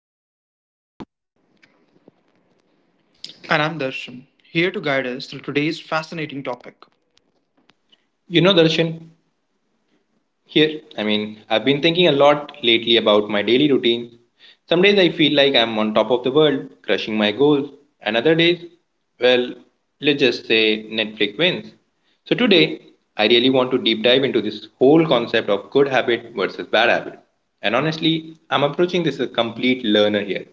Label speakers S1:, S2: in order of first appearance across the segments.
S1: as human beings.
S2: And I'm Darshan, here to guide us through today's fascinating topic.
S1: Darshan, I've been thinking a lot lately about my daily routine. Some days I feel like I'm on top of the world, crushing my goals, and other days, well, let's just say Netflix wins. So today, I really want to deep dive into this whole concept of good habit versus bad habit. And honestly, I'm approaching this as a complete learner here.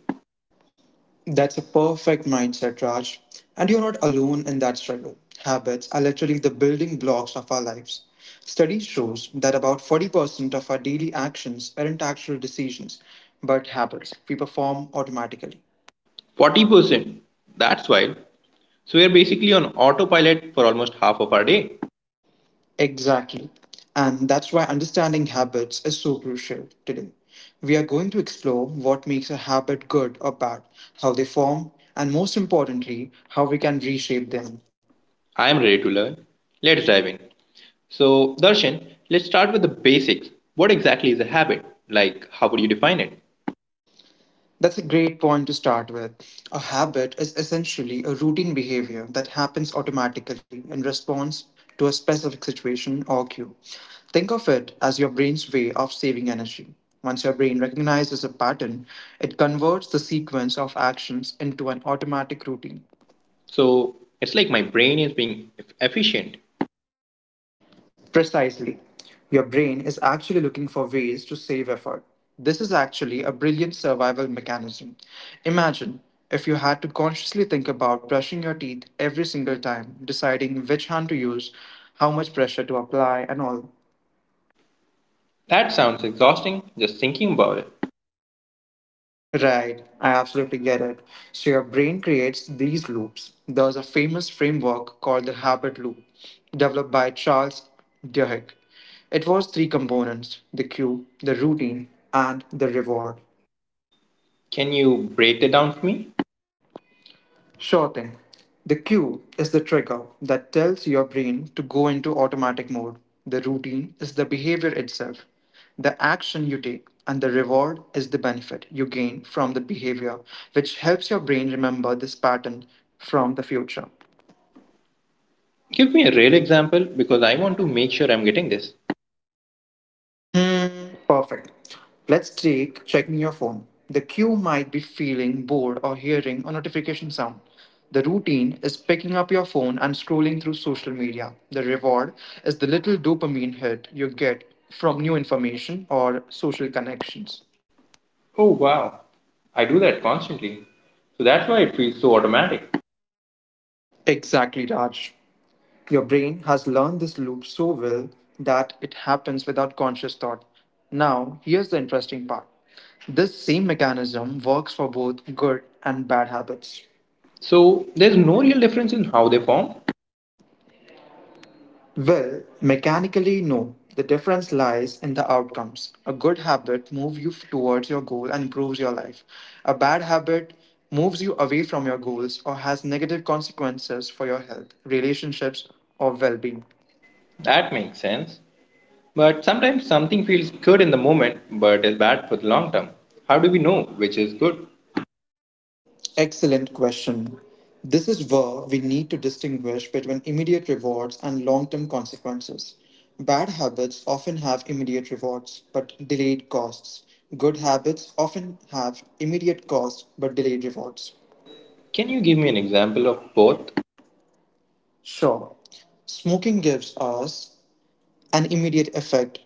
S2: That's a perfect mindset, Raj. And you're not alone in that struggle. Habits are literally the building blocks of our lives. Study shows that about 40% of our daily actions aren't actual decisions, but habits we perform automatically.
S1: 40%, that's wild. So we are basically on autopilot for almost half of our day.
S2: Exactly. And that's why understanding habits is so crucial today. We are going to explore what makes a habit good or bad, how they form, and most importantly, how we can reshape them.
S1: I am ready to learn. Let's dive in. So, Darshan, let's start with the basics. What exactly is a habit? Like, how would you define it?
S2: That's a great point to start with. A habit is essentially a routine behavior that happens automatically in response to a specific situation or cue. Think of it as your brain's way of saving energy. Once your brain recognizes a pattern, it converts the sequence of actions into an automatic routine.
S1: So, it's like my brain is being efficient.
S2: Precisely. Your brain is actually looking for ways to save effort. This is actually a brilliant survival mechanism. Imagine if you had to consciously think about brushing your teeth every single time, deciding which hand to use, how much pressure to apply, and all.
S1: That sounds exhausting just thinking about it.
S2: Right, I absolutely get it. So, your brain creates these loops. There's a famous framework called the habit loop, developed by Charles Duhigg. It was three components: the cue, the routine, and the reward.
S1: Can you break that down for me?
S2: Sure thing. The cue is the trigger that tells your brain to go into automatic mode. The routine is the behavior itself, the action you take, and the reward is the benefit you gain from the behavior, which helps your brain remember this pattern from the future.
S1: Give me a real example because I want to make sure I'm getting this.
S2: Perfect. Let's take checking your phone. The queue might be feeling bored or hearing a notification sound. The routine is picking up your phone and scrolling through social media. The reward is the little dopamine hit you get from new information or social connections.
S1: Oh, wow. I do that constantly. So, that's why it feels so automatic.
S2: Exactly, Raj. Your brain has learned this loop so well that it happens without conscious thought. Now, here's the interesting part. This same mechanism works for both good and bad habits.
S1: So, there's no real difference in how they form?
S2: Well, mechanically, no. The difference lies in the outcomes. A good habit moves you towards your goal and improves your life. A bad habit moves you away from your goals or has negative consequences for your health, relationships, or well being.
S1: That makes sense. But sometimes something feels good in the moment but is bad for the long term. How do we know which is good?
S2: Excellent question. This is where we need to distinguish between immediate rewards and long term consequences. Bad habits often have immediate rewards but delayed costs. Good habits often have immediate costs but delayed rewards.
S1: Can you give me an example of both?
S2: Sure, smoking gives us an immediate effect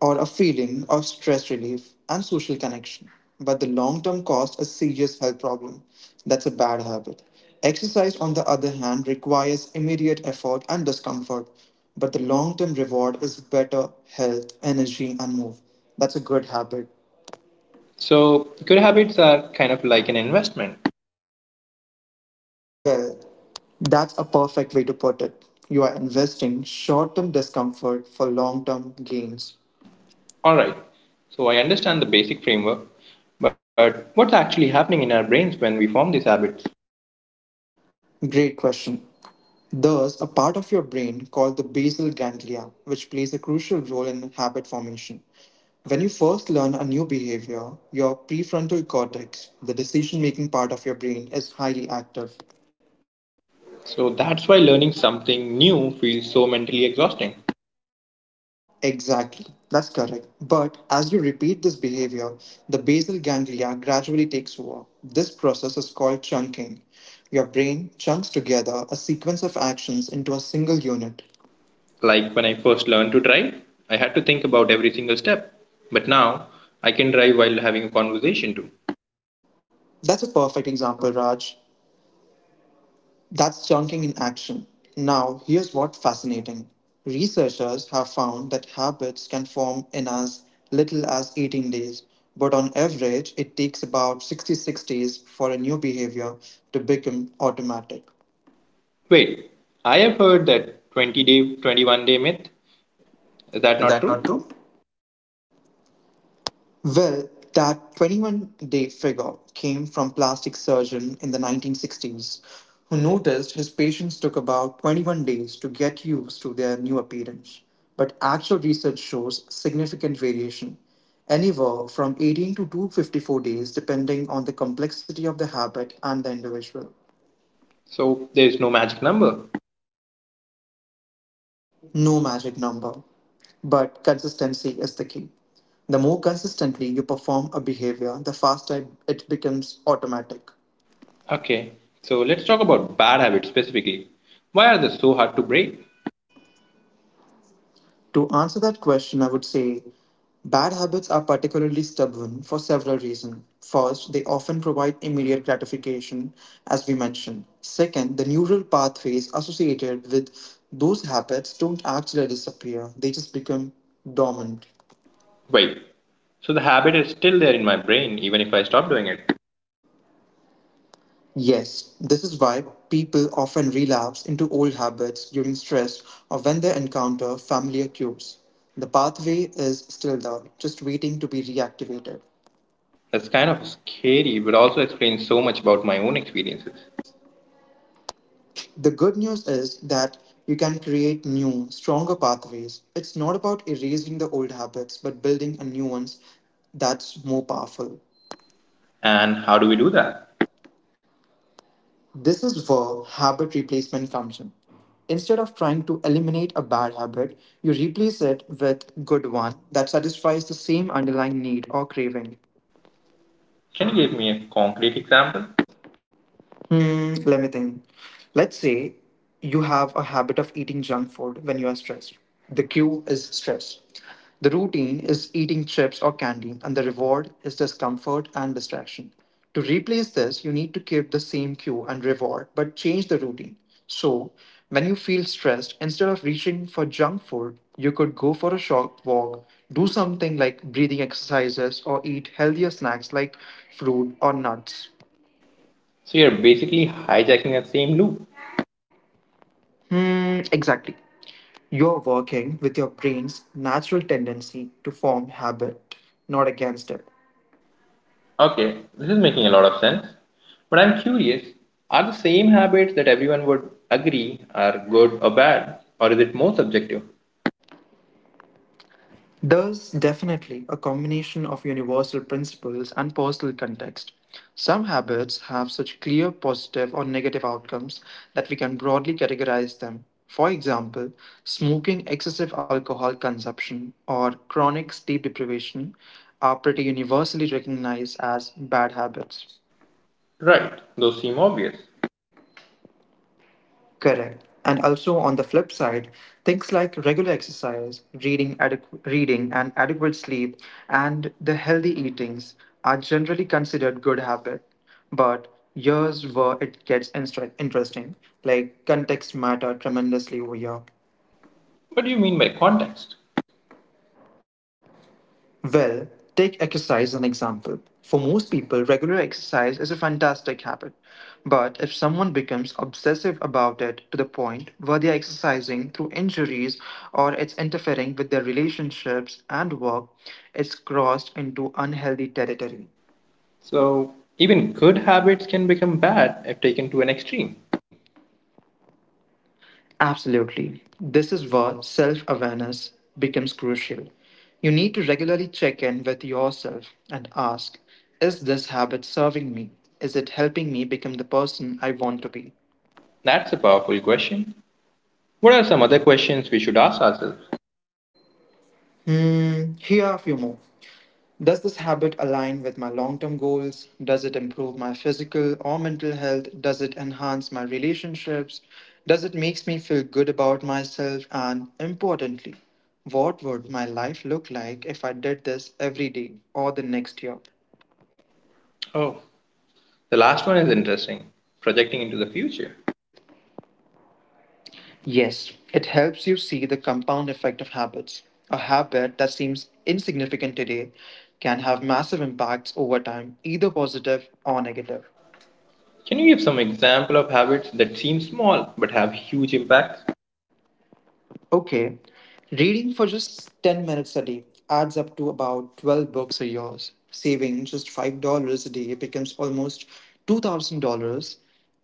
S2: or a feeling of stress relief and social connection. But the long term cost, a serious health problem. That's a bad habit. Exercise, on the other hand, requires immediate effort and discomfort, but the long term reward is better health, energy, and move. That's a good habit.
S1: So, good habits are kind of like an investment.
S2: Well, that's a perfect way to put it. You are investing short term discomfort for long term gains.
S1: Alright, so I understand the basic framework, but what's actually happening in our brains when we form these habits?
S2: Great question. Thus, a part of your brain called the basal ganglia, which plays a crucial role in habit formation. When you first learn a new behavior, your prefrontal cortex, the decision making part of your brain, is highly active.
S1: So, that's why learning something new feels so mentally exhausting.
S2: Exactly, that's correct. But as you repeat this behavior, the basal ganglia gradually takes over. This process is called chunking. Your brain chunks together a sequence of actions into a single unit.
S1: Like when I first learned to drive, I had to think about every single step, but now I can drive while having a conversation too.
S2: That's a perfect example, Raj. That's chunking in action. Now, here's what's fascinating. Researchers have found that habits can form in as little as 18 days, but on average, it takes about 66 days for a new behavior to become automatic.
S1: Wait, I have heard that 20 day, 21-day myth. Is that
S2: Is
S1: not
S2: that
S1: true?
S2: not true? Well, that 21-day figure came from plastic surgeon in the 1960s who noticed his patients took about 21 days to get used to their new appearance. But actual research shows significant variation, anywhere from 18 to 254 days depending on the complexity of the habit and the individual.
S1: So there is no magic number.
S2: No magic number, but consistency is the key. The more consistently you perform a behavior, the faster it becomes automatic.
S1: Okay, so let's talk about bad habits specifically. Why are they so hard to break?
S2: To answer that question, I would say bad habits are particularly stubborn for several reasons. First, they often provide immediate gratification, as we mentioned. Second, the neural pathways associated with those habits don't actually disappear, they just become dormant.
S1: Wait, so the habit is still there in my brain even if I stop doing it.
S2: Yes, this is why people often relapse into old habits during stress or when they encounter familiar cues. The pathway is still there, just waiting to be reactivated.
S1: That's kind of scary, but also explains so much about my own experiences.
S2: The good news is that you can create new, stronger pathways. It's not about erasing the old habits, but building a new ones that's more powerful.
S1: And how do we do that?
S2: This is where habit replacement comes in. Instead of trying to eliminate a bad habit, you replace it with good one that satisfies the same underlying need or craving.
S1: Can you give me a concrete example?
S2: Let me think. Let's say you have a habit of eating junk food when you are stressed. The cue is stress. The routine is eating chips or candy, and the reward is discomfort and distraction. To replace this, you need to keep the same cue and reward, but change the routine. So, when you feel stressed, instead of reaching for junk food, you could go for a short walk, do something like breathing exercises, or eat healthier snacks like fruit or nuts.
S1: So you're basically hijacking that same loop.
S2: Exactly. You're working with your brain's natural tendency to form habit, not against it.
S1: Okay, this is making a lot of sense. But I'm curious, are the same habits that everyone would agree are good or bad, or is it more subjective?
S2: There's definitely a combination of universal principles and personal context. Some habits have such clear positive or negative outcomes that we can broadly categorize them. For example, smoking, excessive alcohol consumption, or chronic sleep deprivation are pretty universally recognized as bad habits.
S1: Right, those seem obvious.
S2: Correct. And also on the flip side, things like regular exercise, reading, reading and adequate sleep, and the healthy eatings are generally considered good habit. But here's where it gets interesting. Like context matter tremendously over here.
S1: What do you mean by context?
S2: Well, take exercise as an example. For most people, regular exercise is a fantastic habit. But if someone becomes obsessive about it to the point where they are exercising through injuries or it's interfering with their relationships and work, it's crossed into unhealthy territory.
S1: So, even good habits can become bad if taken to an extreme.
S2: Absolutely. This is where self awareness becomes crucial. You need to regularly check in with yourself and ask, is this habit serving me? Is it helping me become the person I want to be?
S1: That's a powerful question. What are some other questions we should ask ourselves?
S2: Here are a few more. Does this habit align with my long term goals? Does it improve my physical or mental health? Does it enhance my relationships? Does it makes me feel good about myself? And importantly, what would my life look like if I did this every day or the next year?
S1: Oh, the last one is interesting, projecting into the future.
S2: Yes, it helps you see the compound effect of habits. A habit that seems insignificant today can have massive impacts over time, either positive or negative.
S1: Can you give some example of habits that seem small but have huge impacts?
S2: Okay, reading for just 10 minutes a day adds up to about 12 books a year. Saving just $5 a day becomes almost $2,000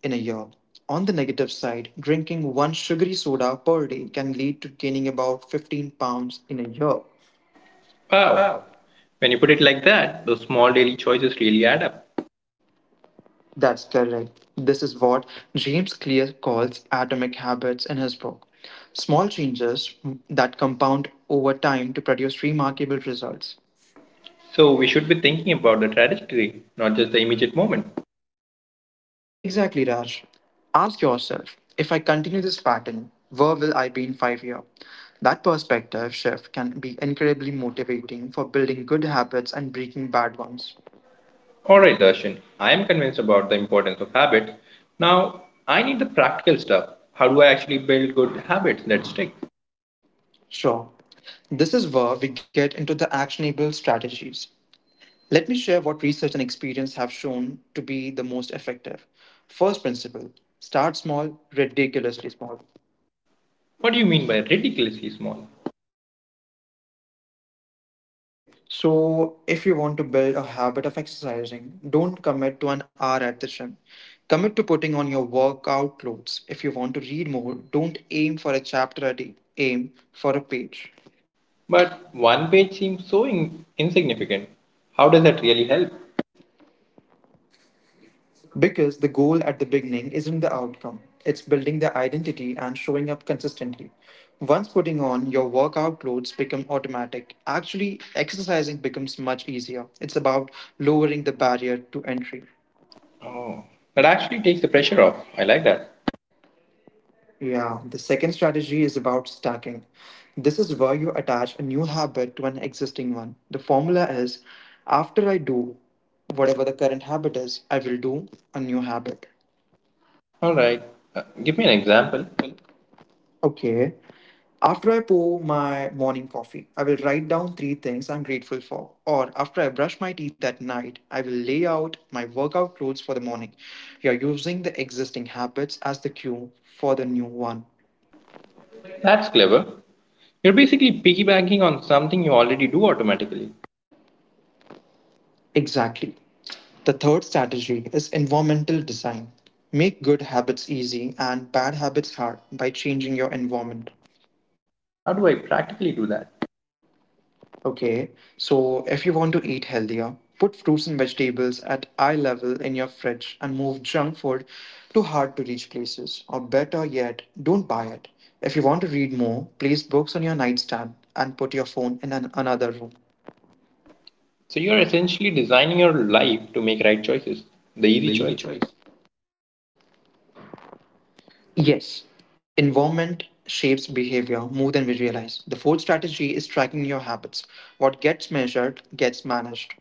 S2: in a year. On the negative side, drinking one sugary soda per day can lead to gaining about 15 pounds in a year.
S1: Wow.
S2: Wow.
S1: When you put it like that, those small daily choices really add up.
S2: That's correct. This is what James Clear calls atomic habits in his book. Small changes that compound over time to produce remarkable results.
S1: So we should be thinking about the trajectory, not just the immediate moment.
S2: Exactly, Raj. Ask yourself, if I continue this pattern, where will I be in 5 years? That perspective shift can be incredibly motivating for building good habits and breaking bad ones.
S1: Alright, Darshan, I am convinced about the importance of habits. Now, I need the practical stuff. How do I actually build good habits that stick?
S2: Sure. This is where we get into the actionable strategies. Let me share what research and experience have shown to be the most effective. First principle, start small, ridiculously small.
S1: What do you mean by ridiculously small?
S2: Okay, so if you want to build a habit of exercising, don't commit to an hour at the gym. Commit to putting on your workout clothes. If you want to read more, don't aim for a chapter a day, aim for a page.
S1: But one page seems so insignificant. How does that really help?
S2: Because the goal at the beginning isn't the outcome, it's building the identity and showing up consistently. Once putting on your workout clothes become automatic, actually exercising becomes much easier. It's about lowering the barrier to entry.
S1: Oh, that actually takes the pressure off. I like that.
S2: Yeah, the second strategy is about stacking. This is where you attach a new habit to an existing one. The formula is, after I do whatever the current habit is, I will do a new habit.
S1: All right. Give me an example.
S2: Example? Okay. After I pour my morning coffee, I will write down three things I'm grateful for. Or after I brush my teeth at night, I will lay out my workout clothes for the morning. You're using the existing habits as the cue for the new one.
S1: That's clever. You're basically piggybacking on something you already do automatically.
S2: Exactly. The third strategy is environmental design. Make good habits easy and bad habits hard by changing your environment.
S1: How do I practically do that?
S2: Okay, so if you want to eat healthier, put fruits and vegetables at eye level in your fridge and move junk food to hard to reach places. Or better yet, don't buy it. If you want to read more, place books on your nightstand and put your phone in another room.
S1: So you're essentially designing your life to make right choices, the easy
S2: The easy
S1: choice,
S2: choice. Yes, environment shapes behavior more than we realize. The fourth strategy is tracking your habits. What gets measured gets managed.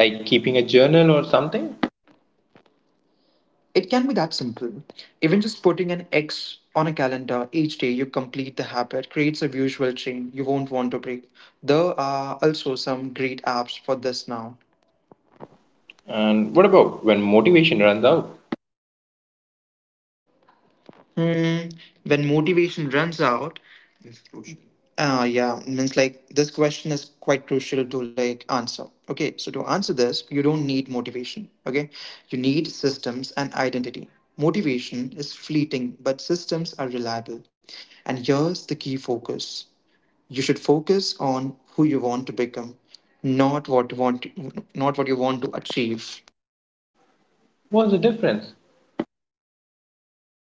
S1: like keeping a journal or something.
S2: It can be that simple. Even just putting an X on a calendar each day you complete the habit creates a visual chain you won't want to break. There are also some great apps for this now.
S1: And what about when motivation runs out?
S2: Hmm, when motivation runs out, it's crucial. Yeah, means this question is quite crucial to answer. Okay, so to answer this, you don't need motivation. Okay, you need systems and identity. Motivation is fleeting, but systems are reliable. And here's the key focus: you should focus on who you want to become, not what you want, not what you want to achieve.
S1: What's the difference?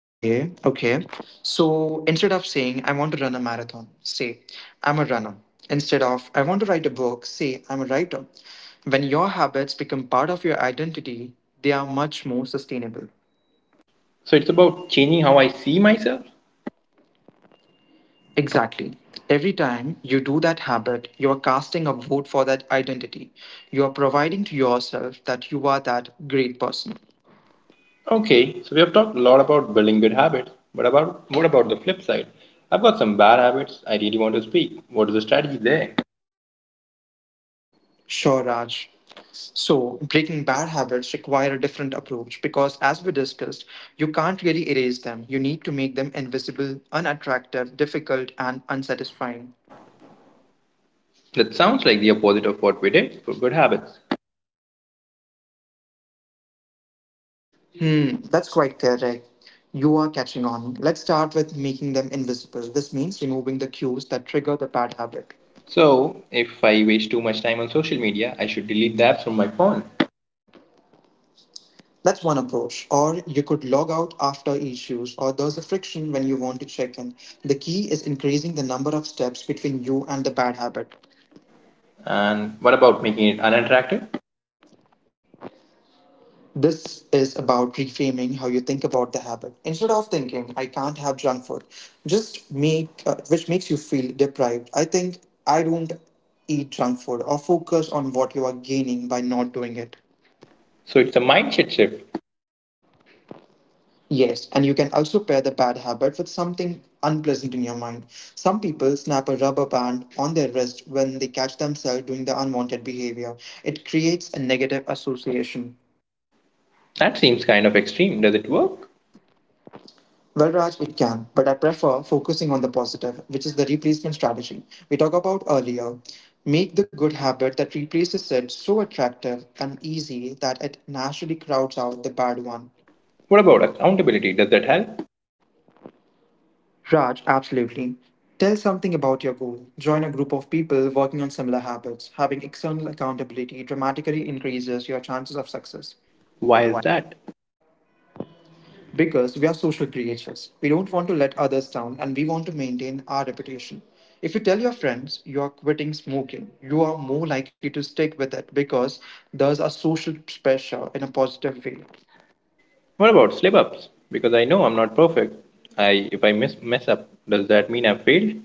S2: Okay, okay. So instead of saying, "I want to run a marathon," say, "I'm a runner." Instead of, "I want to write a book," say, "I'm a writer." When your habits become part of your identity, they are much more sustainable.
S1: So it's about changing how I see myself.
S2: Exactly. Every time you do that habit, you are casting a vote for that identity. You are providing to yourself that you are that great person.
S1: Okay, so we have talked a lot about building good habits, but about what about the flip side? I've got some bad habits I really want to speak. What is the strategy there?
S2: Sure, Raj. So, breaking bad habits require a different approach because, as we discussed, you can't really erase them. You need to make them invisible, unattractive, difficult and unsatisfying.
S1: That sounds like the opposite of what we did for good habits.
S2: Hmm, that's quite correct. You are catching on. Let's start with making them invisible. This means removing the cues that trigger the bad habit.
S1: So, if I waste too much time on social media, I should delete the apps from my phone.
S2: That's one approach. Or you could log out after each use, or there's a friction when you want to check in. The key is increasing the number of steps between you and the bad habit.
S1: And what about making it uninteractive?
S2: This is about reframing how you think about the habit. Instead of thinking, "I can't have junk food," just make, which makes you feel deprived. I think, "I don't eat junk food," or focus on what you are gaining by not doing it.
S1: So, it's a mindset shift.
S2: Yes, and you can also pair the bad habit with something unpleasant in your mind. Some people snap a rubber band on their wrist when they catch themselves doing the unwanted behavior. It creates a negative association.
S1: That seems kind of extreme. Does it work?
S2: Well, Raj, it can, but I prefer focusing on the positive, which is the replacement strategy we talked about earlier. Make the good habit that replaces it so attractive and easy that it naturally crowds out the bad one.
S1: What about accountability? Does that help?
S2: Raj, absolutely. Tell something about your goal. Join a group of people working on similar habits. Having external accountability dramatically increases your chances of success.
S1: Why is that?
S2: Because we are social creatures. We don't want to let others down and we want to maintain our reputation. If you tell your friends you are quitting smoking, you are more likely to stick with it because there's a social pressure in a positive way.
S1: What about slip ups? Because I know I'm not perfect. I If I miss mess up, does that mean I've failed?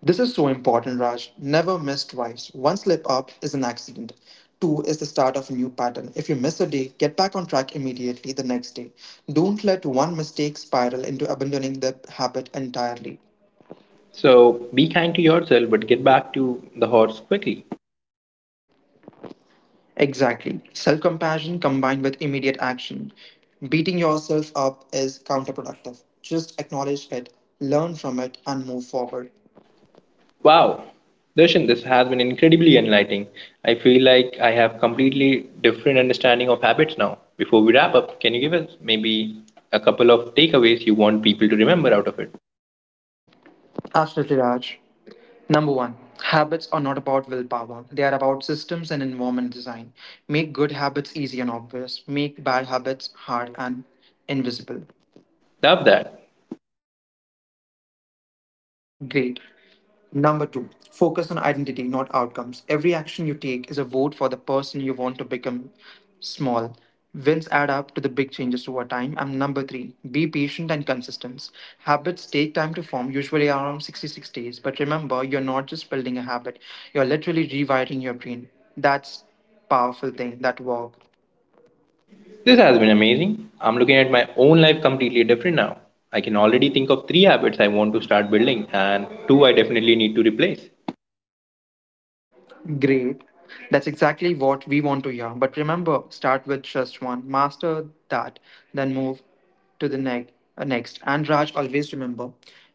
S2: This is so important, Raj. Never miss twice. One slip up is an accident. Two is the start of a new pattern. If you miss a day, get back on track immediately the next day. Don't let one mistake spiral into abandoning the habit entirely.
S1: So be kind to yourself but get back to the horse quickly.
S2: Exactly. Self compassion combined with immediate action. Beating yourself up is counterproductive. Just acknowledge it, learn from it, and move forward.
S1: Wow, Darshan, this has been incredibly enlightening. I feel like I have completely different understanding of habits now. Before we wrap up, can you give us maybe a couple of takeaways you want people to remember out of it?
S2: Absolutely, Raj. Number one, habits are not about willpower. They are about systems and environment design. Make good habits easy and obvious, make bad habits hard and invisible.
S1: Love that.
S2: Great. Number two, focus on identity, not outcomes. Every action you take is a vote for the person you want to become. Small wins add up to the big changes over time. And number three, be patient and consistent. Habits take time to form, usually around 66 days. But remember, you're not just building a habit, you're literally rewiring your brain. That's powerful thing that work.
S1: This has been amazing. I'm looking at my own life completely different now. I can already think of three habits I want to start building and two I definitely need to replace.
S2: Great. That's exactly what we want to hear. But remember, start with just one, master that, then move to the next. And Raj, always remember,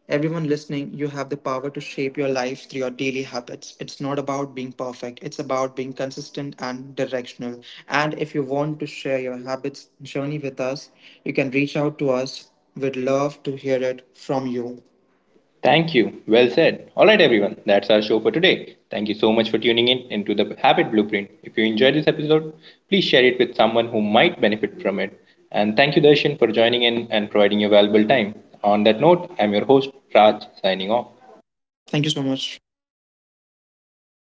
S2: everyone listening, you have the power to shape your life through your daily habits. It's not about being perfect, it's about being consistent and directional. And if you want to share your habits journey with us, you can reach out to us. We'd love to hear it from you.
S1: Thank you. Well said. All right, everyone. That's our show for today. Thank you so much for tuning in into the Habit Blueprint. If you enjoyed this episode, please share it with someone who might benefit from it. And thank you, Darshan, for joining in and providing your valuable time. On that note, I'm your host, Raj, signing off.
S2: Thank you so much.